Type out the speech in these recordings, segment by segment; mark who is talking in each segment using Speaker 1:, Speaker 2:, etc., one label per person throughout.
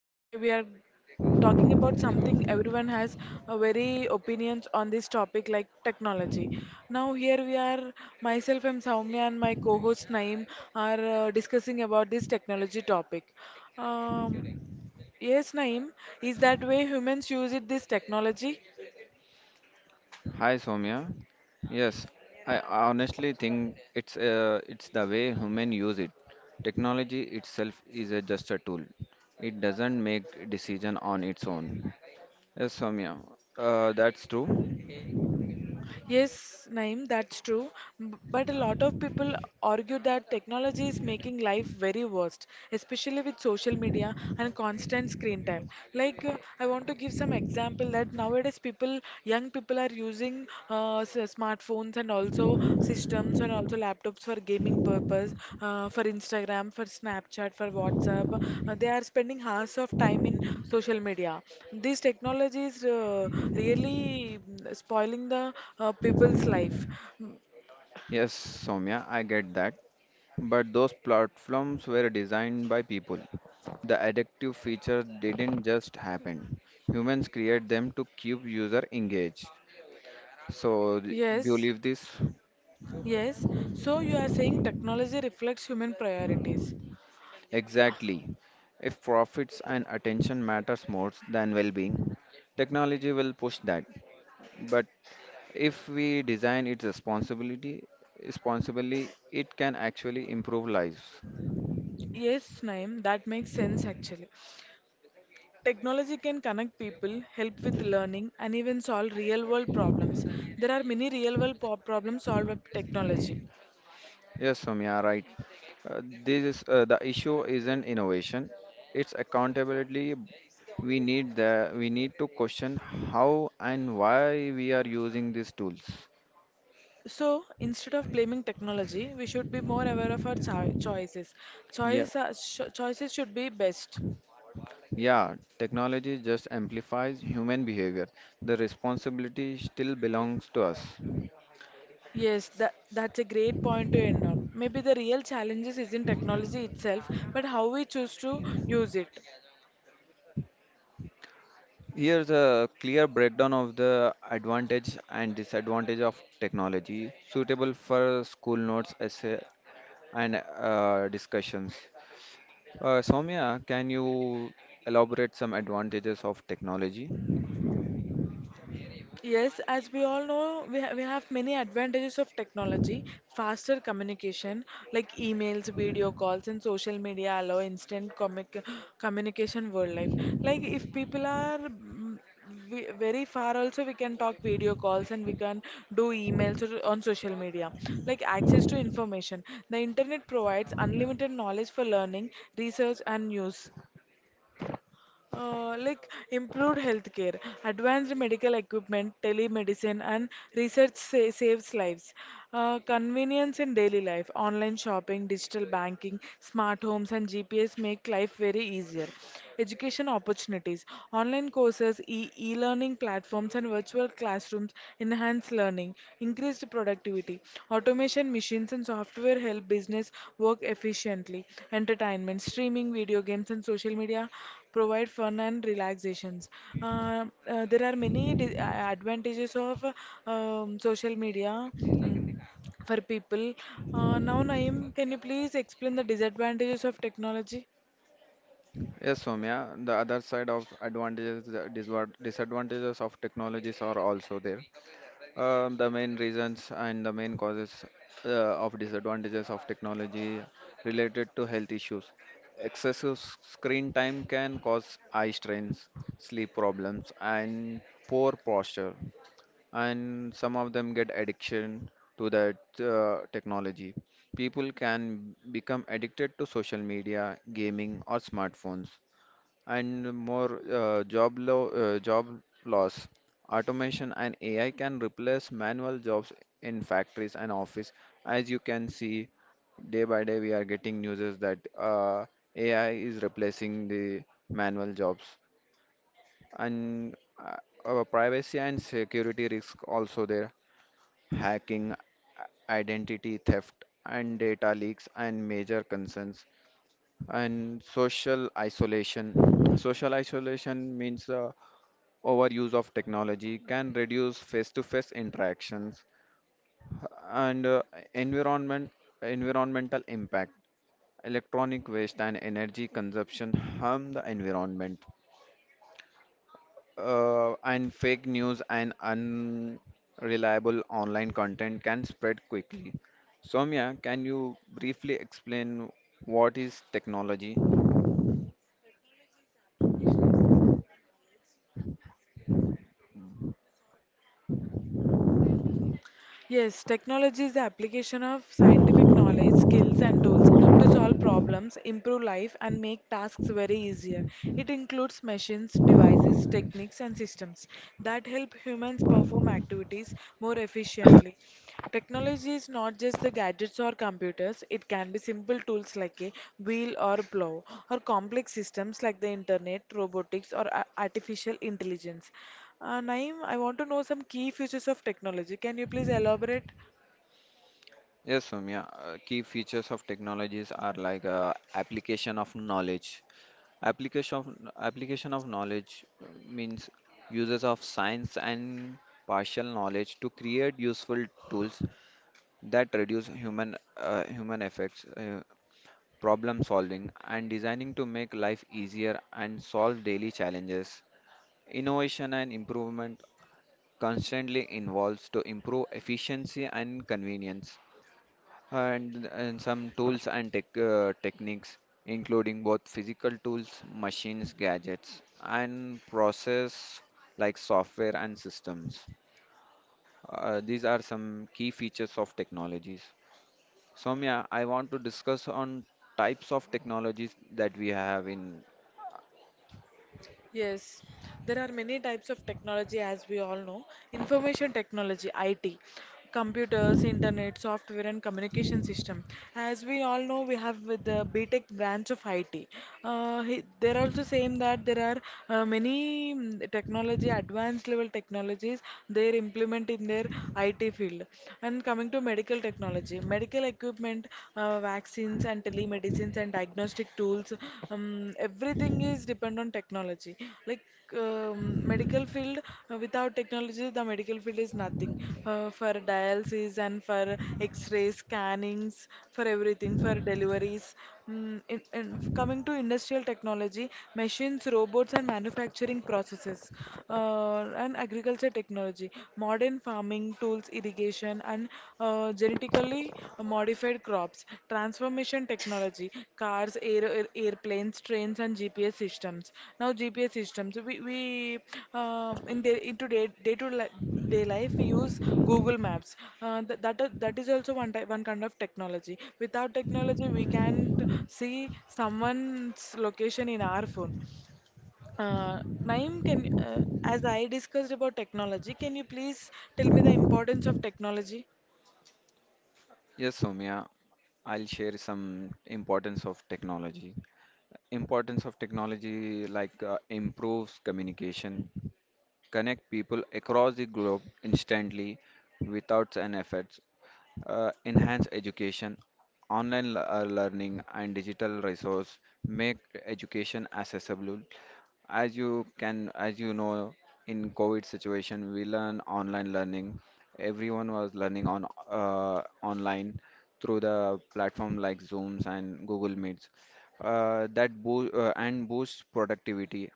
Speaker 1: Today we are talking about something everyone has a very opinions on this topic like technology. Now here we are myself I'm Soumya and my co-host Naeem are discussing about this technology topic. Um, yes Naeem, is that way humans use it this technology?
Speaker 2: Hi Soumya. Yes, I honestly think it's the way human use it. Technology itself is just a tool. It doesn't make decision on its own. Yes, Soumya. That's true.
Speaker 1: Yes, Naeem, that's true. But a lot of people argue that technology is making life very worst, especially with social media and constant screen time. Like, I want to give some example that nowadays people, young people are using smartphones phones and also systems and also laptops for gaming purpose, for Instagram, for Snapchat, for WhatsApp. They are spending hours of time in social media. This technology is really spoiling the people's life. Mm,
Speaker 2: Yes, Soumya, I get that. But those platforms were designed by people. The addictive feature didn't just happen. Humans create them to keep user engaged. So, do you
Speaker 1: Yes,
Speaker 2: believe this?
Speaker 1: yes. So you are saying technology reflects human priorities.
Speaker 2: Exactly. If profits and attention matters more than well-being, technology will push that. But if we design its responsibility responsibly, it can actually improve lives.
Speaker 1: Yes, Naeem, that makes sense actually. Technology can connect people, help with learning, and even solve real world problems. There are many real world problems solved by technology.
Speaker 2: Yes, Soumya, right. This is, the issue isn't innovation; it's accountability. We need to question how and why we are using these tools.
Speaker 1: So, instead of blaming technology, we should be more aware of our choices.
Speaker 2: Yeah.
Speaker 1: Choices, are, choices should be best.
Speaker 2: Yeah, technology just amplifies human behavior. The responsibility still belongs to us.
Speaker 1: Yes, that's a great point to end on. Maybe the real challenges is in technology itself, but how we choose to use it.
Speaker 2: Here's a clear breakdown of the advantage and disadvantage of technology, suitable for school notes, essay, and discussions. Soumya, can you elaborate some advantages of technology?
Speaker 1: Yes, as we all know, we have many advantages of technology. Faster communication, like emails, video calls, and social media allow instant comic communication world life. Like if people are very far, also we can talk video calls and we can do emails or on social media. Like access to information, the internet provides unlimited knowledge for learning, research, and news. Like improved healthcare, advanced medical equipment, telemedicine, and research saves lives. Convenience in daily life, online shopping, digital banking, smart homes, and GPS make life very easier. Education opportunities, online courses, e-learning platforms, and virtual classrooms enhance learning. Increased productivity. Automation, machines, and software help business work efficiently. Entertainment, streaming, video games, and social media provide fun and relaxations. There are many advantages of social media, um, for people. Now, Naeem, can you please explain the disadvantages of technology?
Speaker 2: Yes, Soumya, the other side of advantages, the disadvantages of technologies are also there. The main reasons and the main causes of disadvantages of technology related to health issues. Excessive screen time can cause eye strains, sleep problems, and poor posture. And some of them get addiction to that technology. People can become addicted to social media, gaming, or smartphones and more job loss. Automation and AI can replace manual jobs in factories and office. As you can see, day by day we are getting news that AI is replacing the manual jobs. And uh, our privacy and security risk also there. Hacking, identity theft, and data leaks and major concerns and social isolation means overuse of technology can reduce face-to-face interactions and environment environmental impact. Electronic waste and energy consumption harm the environment, and fake news and unreliable online content can spread quickly. Soumya, can you briefly explain what is technology?
Speaker 1: Yes, technology is the application of scientific knowledge, skills, and tools to solve problems, improve life, and make tasks very easier. It includes machines, devices, techniques, and systems that help humans perform activities more efficiently. Technology is not just the gadgets or computers, it can be simple tools like a wheel or plow, or complex systems like the internet, robotics, or artificial intelligence. Naeem, I want to know some key features of technology. Can you please elaborate?
Speaker 2: Yes, Soumya. Key features of technologies are like application of knowledge. Application of application of knowledge means uses of science and partial knowledge to create useful tools that reduce human effects, problem solving, and designing to make life easier and solve daily challenges. Innovation and improvement constantly involves to improve efficiency and convenience, and some tools and techniques, including both physical tools, machines, gadgets, and process like software and systems. Uh, these are some key features of technologies. Soumya, I want to discuss on types of technologies that we have in.
Speaker 1: Yes, there are many types of technology as we all know. Information technology, IT, computers, internet, software, and communication system. As we all know, we have with the BTech branch of IT. They're also saying that there are many technology, advanced level technologies they implement in their IT field. And coming to medical technology, medical equipment, vaccines and telemedicines and diagnostic tools, um, everything is depend on technology like, um, medical field. Without technology the medical field is nothing, for dialysis and for x-ray scannings, for everything, for deliveries. In coming to industrial technology, machines robots and manufacturing processes, and agriculture technology, modern farming tools, irrigation, and genetically modified crops, transformation technology, airplanes, trains, and GPS systems. Now, GPS systems, we in day, into day, day to day life, we use Google Maps. That is also one kind of technology. Without technology, we can't see someone's location in our phone. Naeem, can as I discussed about technology, can you please tell me the importance of technology?
Speaker 2: Yes, Soumya, I'll share some importance of technology. Importance of technology, like improves communication, connect people across the globe instantly without an effort, enhance education, learning, and digital resource make education accessible. As you know, in COVID situation, we learn online learning. Everyone was learning on online through the platform like Zooms and Google Meets. That boo and boosts productivity,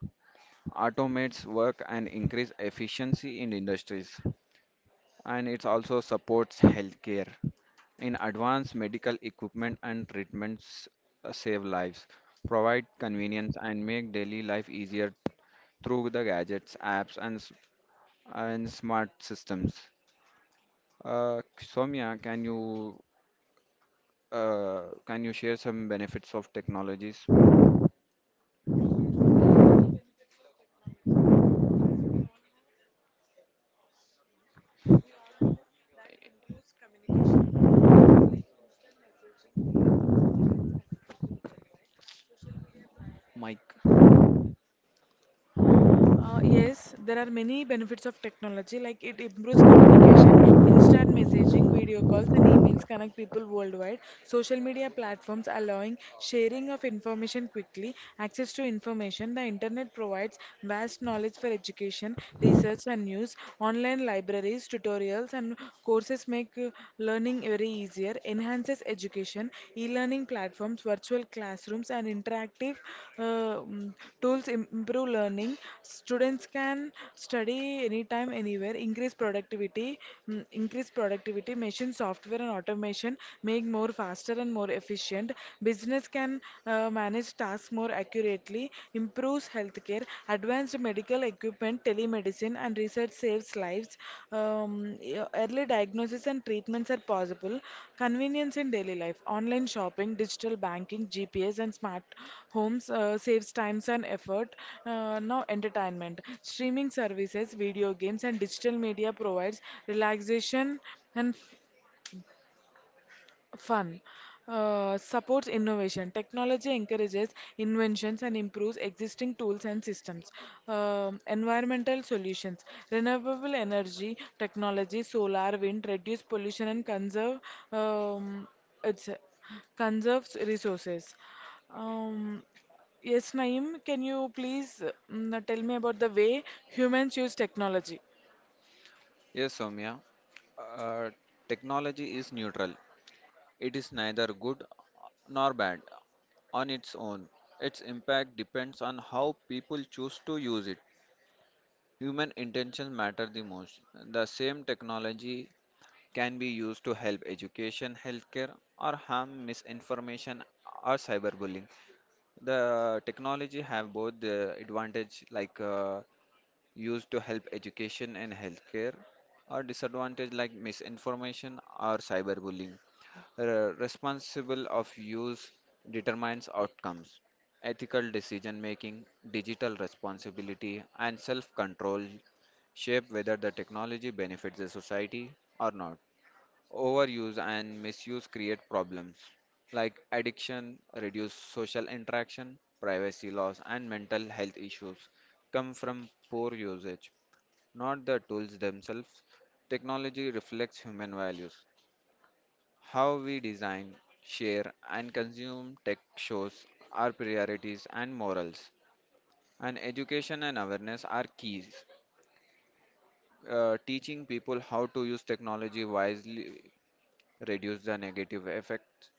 Speaker 2: automates work, and increase efficiency in industries. And it also supports healthcare. In advanced medical equipment and treatments, save lives, provide convenience, and make daily life easier through the gadgets, apps, and smart systems. Soumya, uh, can you share some benefits of technologies? Mike.
Speaker 1: Yes, there are many benefits of technology, like it improves instant messaging, video calls, and emails connect people worldwide. Social media platforms allowing sharing of information quickly, access to information. The internet provides vast knowledge for education, research, and news. Online libraries, tutorials, and courses make learning very easier, enhances education. E learning platforms programs, virtual classrooms, and interactive uh, mm, tools improve learning. Students can study anytime, anywhere, increase productivity, machine software and automation make more faster and more efficient. Business can manage tasks more accurately, improves healthcare, advanced medical medical equipment, telemedicine, and research saves lives. Early diagnosis and treatments are possible. Convenience in daily life, online shopping, digital banking, GPS, and smart homes saves times and effort. Now, entertainment, streaming services, video games, and digital media provides relaxation and fun. Supports innovation. Technology encourages inventions and improves existing tools and systems. Environmental solutions. Renewable energy technology, solar, wind, reduce pollution and conserve, um, it's, conserves resources. Um, yes, Naeem, can you please tell me about the way humans use technology?
Speaker 2: Yes, Soumya. Uh, technology is neutral. It is neither good nor bad on its own. Its impact depends on how people choose to use it. Human intentions matter the most. The same technology can be used to help education, healthcare, or harm misinformation or cyberbullying. The technology have both the advantage, like used to help education and healthcare, or disadvantage like misinformation or cyberbullying. Responsible of use determines outcomes. Ethical decision making, digital responsibility, and self control shape whether the technology benefits the society or not. Overuse and misuse create problems like addiction, reduced social interaction, privacy loss, and mental health issues come from poor usage, not the tools themselves. Technology reflects human values. How we design, share, and consume tech shows our priorities and morals. And education and awareness are keys. Teaching people how to use technology wisely reduce the negative effects.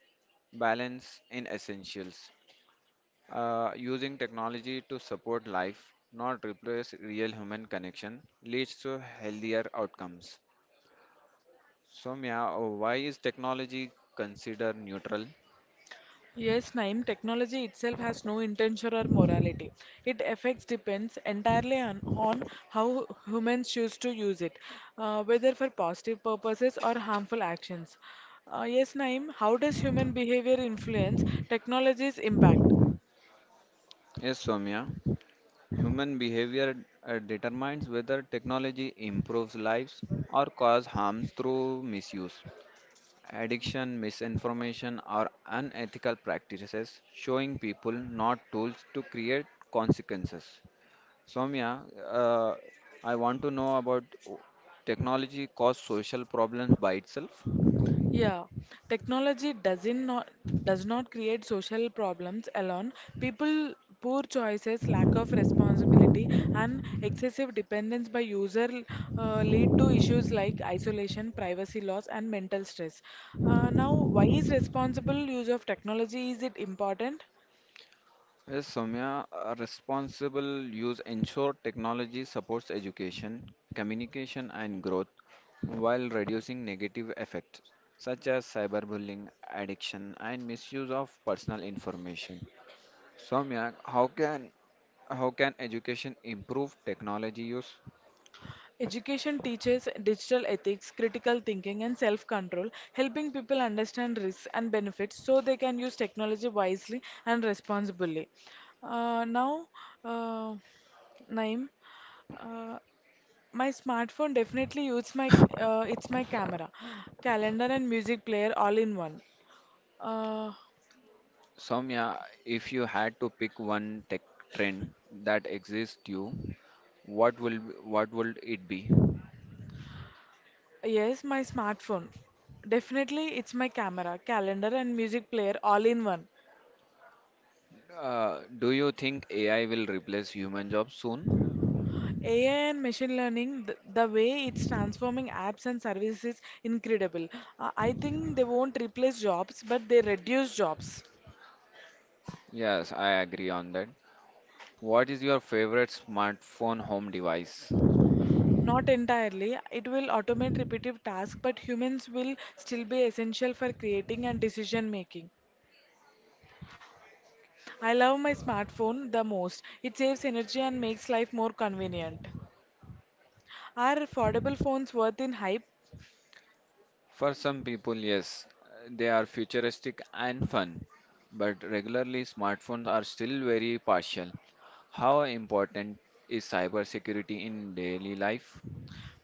Speaker 2: Balance in essentials. Using technology to support life, not replace real human connection, leads to healthier outcomes. Soumya, why is technology considered neutral?
Speaker 1: Yes, Naeem, technology itself has no intention or morality. It affects depends entirely on how humans choose to use it, whether for positive purposes or harmful actions. Yes, Naeem, how does human behavior influence technology's impact?
Speaker 2: Yes, Soumya. Human behavior determines whether technology improves lives or causes harms through misuse, addiction, misinformation, or unethical practices, showing people not tools to create consequences. Soumya, uh, I want to know about o- technology cause social problems by itself.
Speaker 1: Yeah, technology does not create social problems alone. People poor choices, lack of responsibility, and excessive dependence by user lead to issues like isolation, privacy loss, and mental stress. Now, why is responsible use of technology is it important?
Speaker 2: Yes, Soumya, a responsible use ensure technology supports education, communication, and growth while reducing negative effects such as cyberbullying, addiction, and misuse of personal information. Soumya, how can education improve technology use?
Speaker 1: Education teaches digital ethics, critical thinking, and self control, helping people understand risks and benefits so they can use technology wisely and responsibly. Uh, now, uh, Naim, uh, my smartphone definitely uses my it's my camera, calendar, and music player all in one. Uh,
Speaker 2: Soumya, if you had to pick one tech trend that exists you, what will what would it be?
Speaker 1: yes, my smartphone. Definitely, it's my camera, calendar, and music player all in one.
Speaker 2: Do you think AI will replace human jobs soon?
Speaker 1: AI and machine learning, the way it's transforming apps and services is incredible. I think they won't replace jobs, but they reduce jobs.
Speaker 2: Yes, I agree on that. What is your favorite smartphone home device?
Speaker 1: Not entirely. It will automate repetitive tasks, but humans will still be essential for creating and decision making. I love my smartphone the most. It saves energy and makes life more convenient. Are affordable phones worth in hype?
Speaker 2: For some people, yes, they are futuristic and fun, but regularly smartphones are still very partial. How important is cybersecurity in daily life?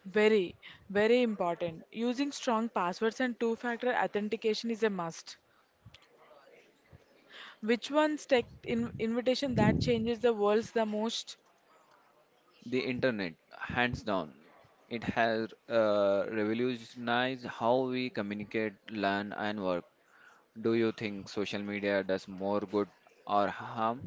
Speaker 1: Very, very important. Using strong passwords and two factor authentication is a must. Which one's tech in invitation that changes the world's the most?
Speaker 2: The internet, hands down. It has revolutionized how we communicate, learn, and work. Do you think social media does more good or harm?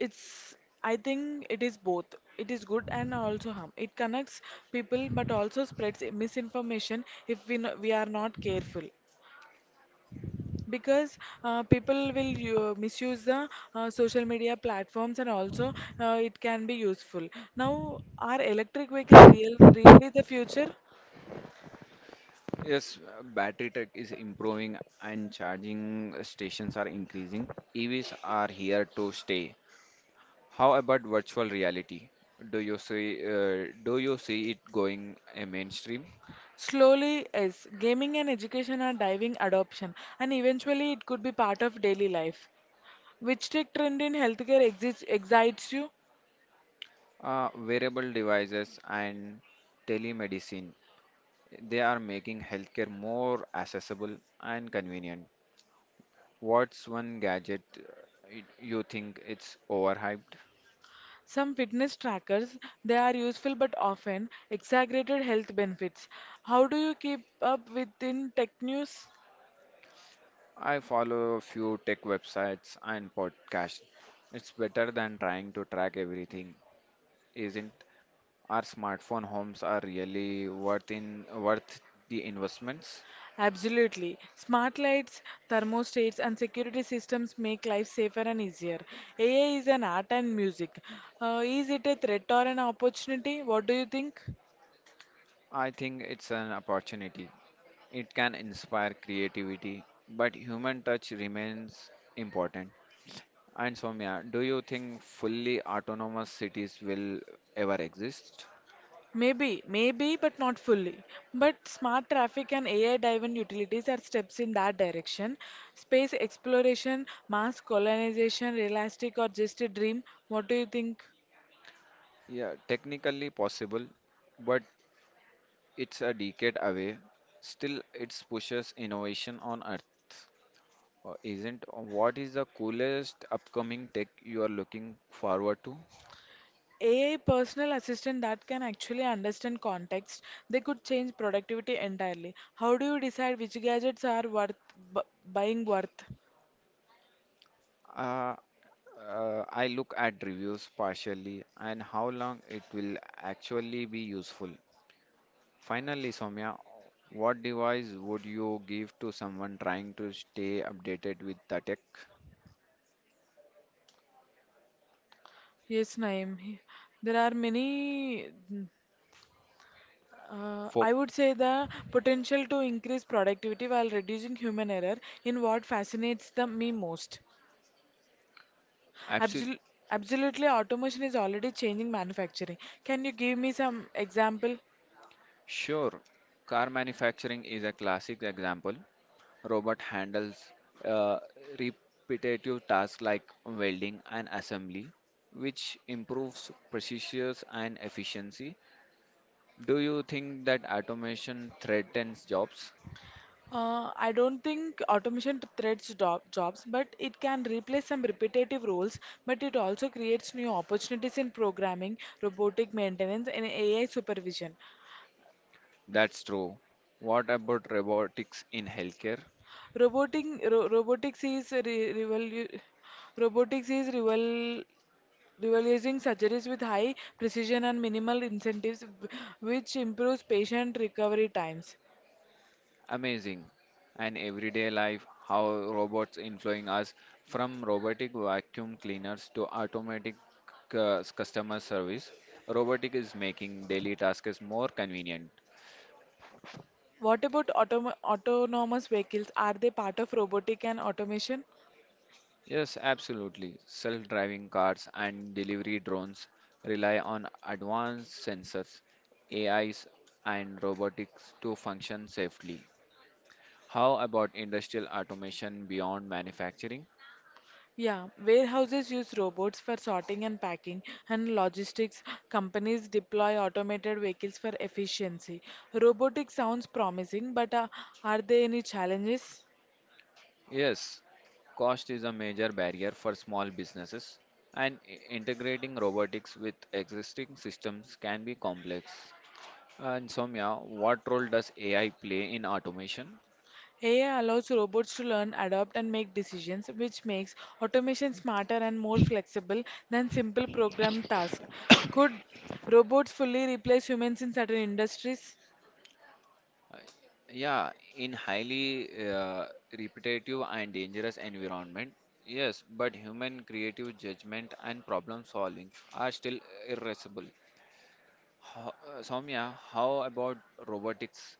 Speaker 1: It's I think it is both. It is good and also harm. It connects people but also spreads misinformation if we are not careful. Because people will misuse the social media platforms and also it can be useful. Now, are electric vehicles really the future?
Speaker 2: Yes, battery tech is improving and charging stations are increasing. EVs are here to stay. How about virtual reality? Do you see it going a mainstream?
Speaker 1: Slowly, yes. Gaming and education are driving adoption, and eventually it could be part of daily life. Which tech trend in healthcare excites you?
Speaker 2: Wearable devices and telemedicine, they are making healthcare more accessible and convenient. What's one gadget you think it's overhyped?
Speaker 1: Some fitness trackers, they are useful but often exaggerated health benefits. How do you keep up within tech news?
Speaker 2: I follow a few tech websites and podcasts. It's better than trying to track everything, isn't? Our smartphone homes are really worth the investments.
Speaker 1: Absolutely. Smart lights, thermostats, and security systems make life safer and easier. AI is an art and music. Is it a threat or an opportunity? What do you think?
Speaker 2: I think it's an opportunity. It can inspire creativity, but human touch remains important. And Soumya, do you think fully autonomous cities will ever exist?
Speaker 1: Maybe, maybe, but not fully. But smart traffic and AI-driven utilities are steps in that direction. Space exploration, mass colonization, realistic or just a dream? What do you think?
Speaker 2: Yeah, technically possible, but it's a decade away. Still, it pushes innovation on Earth, isn't? What is the coolest upcoming tech you are looking forward to?
Speaker 1: AI personal assistant that can actually understand context, they could change productivity entirely. How do you decide which gadgets are worth bu buying worth?
Speaker 2: Uh, I look at reviews partially and how long it will actually be useful. Finally, Soumya, what device would you give to someone trying to stay updated with the tech?
Speaker 1: Yes, Naeem. There are many.
Speaker 2: For
Speaker 1: I would say the potential to increase productivity while reducing human error in what fascinates me most.
Speaker 2: absolutely.
Speaker 1: Absol absolutely, automation is already changing manufacturing. Can you give me some example?
Speaker 2: Sure. Car manufacturing is a classic example. Robot handles uh, repetitive tasks like welding and assembly, which improves precision and efficiency. Do you think that automation threatens jobs?
Speaker 1: I don't think automation jobs, but it can replace some repetitive roles. But it also creates new opportunities in programming, robotic maintenance, and AI supervision.
Speaker 2: That's true. What about robotics in healthcare?
Speaker 1: Roboting ro- robotics is re- revolu- robotics is revol- revolutionizing surgeries with high precision and minimal incentives, which improves patient recovery times.
Speaker 2: Amazing. And everyday life, how robots influence us from robotic vacuum cleaners to automatic customer service. Robotic is making daily tasks more convenient.
Speaker 1: What about autonomous vehicles? Are they part of robotic and automation?
Speaker 2: Yes, absolutely. Self driving cars and delivery drones rely on advanced sensors, AIs, and robotics to function safely. How about industrial automation beyond manufacturing?
Speaker 1: Yeah, warehouses use robots for sorting and packing, and logistics companies deploy automated vehicles for efficiency. Robotics sounds promising, but are there any challenges?
Speaker 2: Yes, cost is a major barrier for small businesses, and integrating robotics with existing systems can be complex. And Soumya, what role does AI play in automation?
Speaker 1: AI allows robots to learn, adapt, and make decisions, which makes automation smarter and more flexible than simple programmed tasks. Could robots fully replace humans in certain industries?
Speaker 2: Uh, Yeah, in highly repetitive and dangerous environment, yes, but human creative judgment and problem solving are still irrepressible. Soumya, how about robotics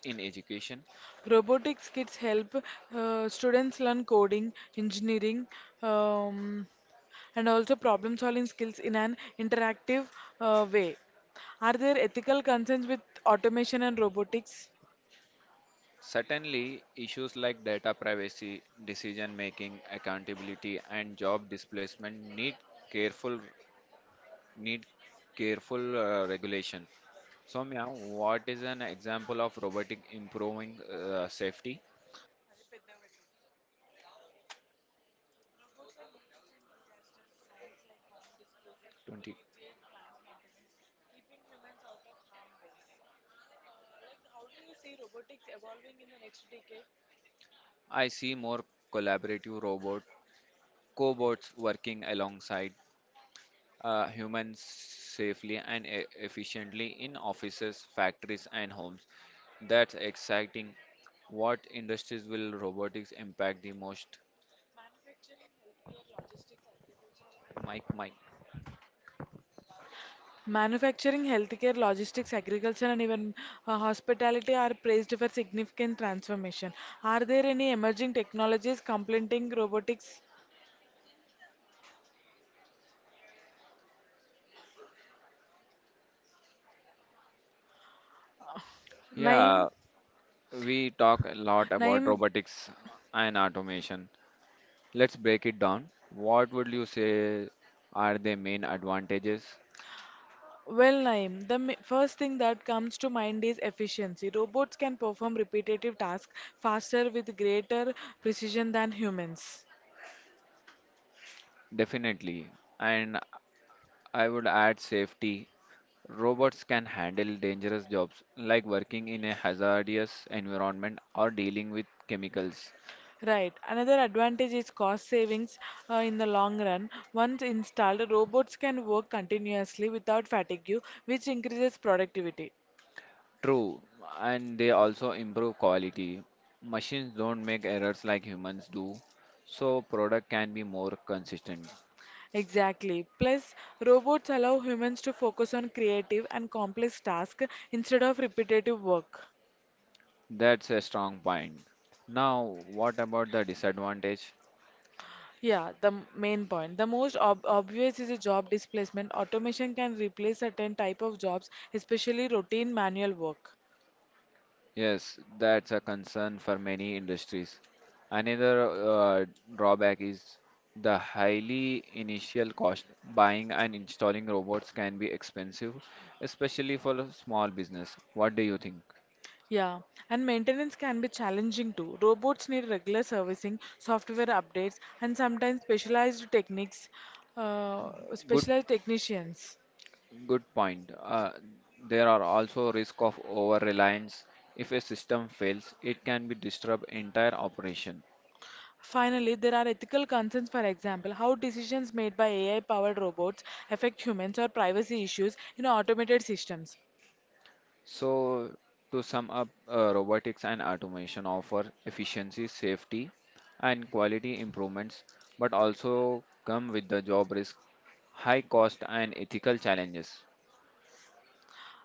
Speaker 2: in education?
Speaker 1: Robotics kits help students learn coding, engineering, um, and also problem solving skills in an interactive way. Are there ethical concerns with automation and robotics?
Speaker 2: Certainly, issues like data privacy, decision making, accountability, and job displacement careful need careful regulation. Soumya, what is an example of robotic improving safety? 20. I see more collaborative robot cobots working alongside humans safely and efficiently in offices, factories, and homes. That's exciting. What industries will robotics impact the most? Mike, Mike.
Speaker 1: Manufacturing, healthcare, logistics, agriculture, and even hospitality are praised for significant transformation. Are there any emerging technologies complementing robotics? Naim,
Speaker 2: Yeah, we talk a lot about
Speaker 1: Naim,
Speaker 2: robotics and automation. Let's break it down. What would you say are the main advantages?
Speaker 1: well, Naim, the first thing that comes to mind is efficiency. Robots can perform repetitive tasks faster with greater precision than humans.
Speaker 2: Definitely. And I would add safety. Robots can handle dangerous jobs like working in a hazardous environment or dealing with chemicals.
Speaker 1: Right. Another advantage is cost savings in the long run. Once installed, robots can work continuously without fatigue, which increases productivity.
Speaker 2: True. And they also improve quality. Machines don't make errors like humans do, so product can be more consistent.
Speaker 1: Exactly. Plus, robots allow humans to focus on creative and complex tasks instead of repetitive work.
Speaker 2: That's a strong point. Now, what about the disadvantage?
Speaker 1: Yeah, the main point. The most ob obvious is a job displacement. Automation can replace certain type of jobs, especially routine manual work.
Speaker 2: Yes, that's a concern for many industries. Another drawback is the highly initial cost. Buying and installing robots can be expensive, especially for a small business. What do you think?
Speaker 1: Yeah, and maintenance can be challenging too. Robots need regular servicing, software updates, and sometimes specialized techniques,
Speaker 2: Good,
Speaker 1: specialized technicians.
Speaker 2: good point. There are also risk of over reliance. If a system fails, it can be disrupt entire operation.
Speaker 1: Finally, there are ethical concerns, for example, how decisions made by AI powered robots affect humans or privacy issues in automated systems.
Speaker 2: So, to sum up, robotics and automation offer efficiency, safety, and quality improvements, but also come with the job risk, high cost, and ethical challenges.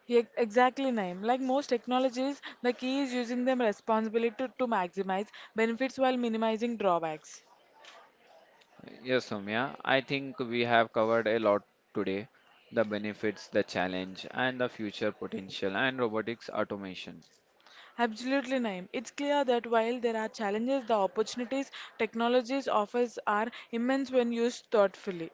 Speaker 1: Exactly, Naim. Like most technologies, the key is using them responsibly to maximize benefits while minimizing drawbacks.
Speaker 2: Yes, Soumya, I think we have covered a lot today, the benefits, the challenge, and the future potential, and robotics automation.
Speaker 1: Absolutely, Naeem. It's clear that while there are challenges, the opportunities technologies offers are immense when used thoughtfully.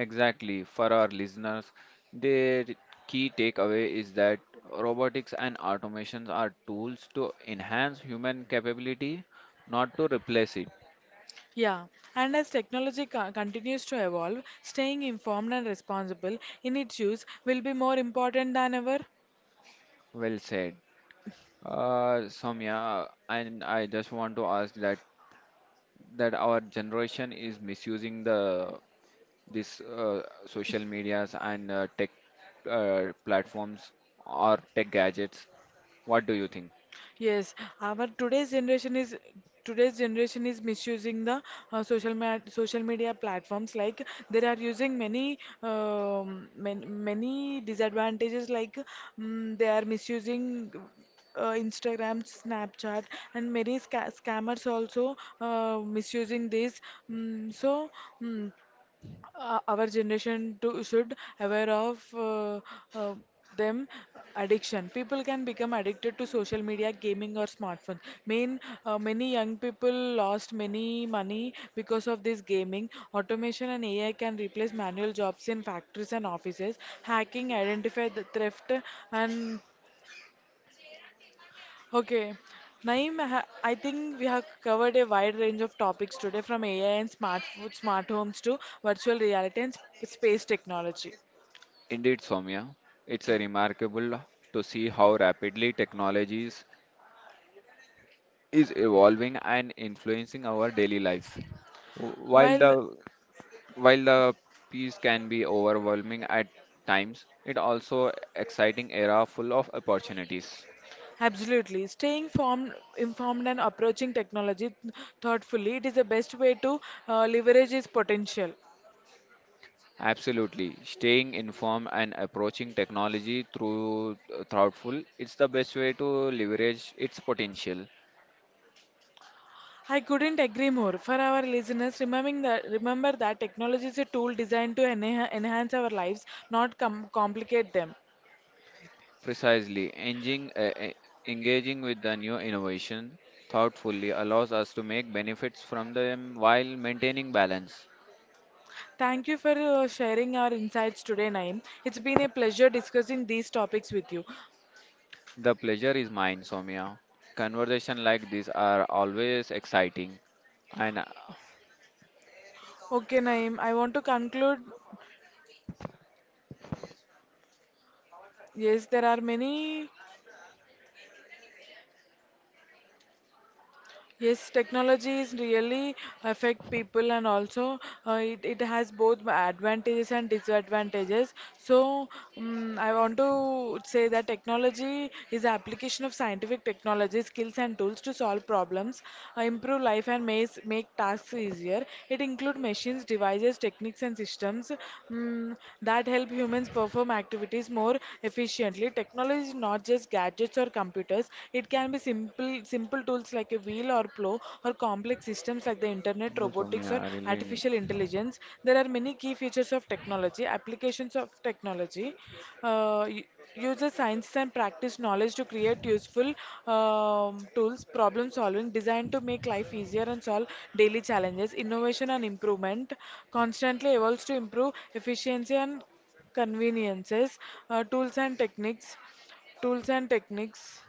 Speaker 2: Exactly. For our listeners, their key takeaway is that robotics and automations are tools to enhance human capability, not to replace it.
Speaker 1: Yeah, and as technology continues to evolve, staying informed and responsible in its use will be more important than ever.
Speaker 2: Well said. Soumya, and I just want to ask that that our generation is misusing the this social medias and tech platforms or tech gadgets. What do you think?
Speaker 1: Yes, our today's generation is misusing the social media platforms. Like they are using many many disadvantages. Like they are misusing Instagram, Snapchat, and many scammers also misusing this. Mm so. mm our generation should aware of uh, them. Addiction, people can become addicted to social media, gaming, or smartphone main, many young people lost many money because of this gaming. Automation and AI can replace manual jobs in factories and offices. Hacking, identify the theft, and okay, Naeem, I think we have covered a wide range of topics today from AI and smart food, smart homes to virtual reality and space technology.
Speaker 2: Indeed, Soumya, it's a remarkable to see how rapidly technologies is evolving and influencing our daily life. While
Speaker 1: While
Speaker 2: the while the piece can be overwhelming at times, it also exciting era full of opportunities.
Speaker 1: Absolutely, staying informed and approaching technology thoughtfully, it is the best way to leverage its potential.
Speaker 2: Absolutely, staying informed and approaching technology through thoughtful, it's the best way to leverage its potential.
Speaker 1: I couldn't agree more. For our listeners, remember that technology is a tool designed to enhance our lives, not complicate them.
Speaker 2: Precisely, engaging with the new innovation thoughtfully allows us to make benefits from them while maintaining balance.
Speaker 1: Thank you for sharing our insights today, Naeem. It's been a pleasure discussing these topics with you.
Speaker 2: The pleasure is mine, Soumya. Conversation like this are always exciting. And
Speaker 1: Okay, Naeem, I want to conclude. Yes, there are many Yes, technology is really affect people and also it has both advantages and disadvantages. So I want to say that technology is the application of scientific technology, skills and tools to solve problems, improve life and make tasks easier. It includes machines, devices, techniques and systems that help humans perform activities more efficiently. Technology is not just gadgets or computers, it can be simple tools like a wheel or plow or complex systems like the internet,
Speaker 2: no,
Speaker 1: robotics
Speaker 2: Soumya,
Speaker 1: or artificial intelligence. There are many key features of technology, applications of technology. Uses science and practice knowledge to create useful tools, problem solving designed to make life easier and solve daily challenges. Innovation and improvement constantly evolves to improve efficiency and conveniences, tools and techniques, tools and techniques.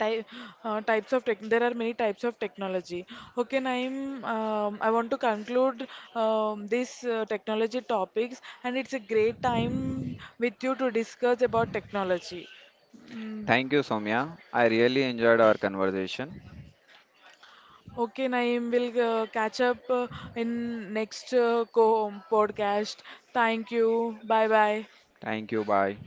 Speaker 1: Ty types of tech. There are many types of technology. Okay, Naeem, I want to conclude this technology topics, and it's a great time with you to discuss about technology. Mm,
Speaker 2: thank you, Soumya. I really enjoyed our conversation.
Speaker 1: okay, Naeem, we'll catch up in next co podcast. Thank you. Bye bye.
Speaker 2: Thank you. Bye.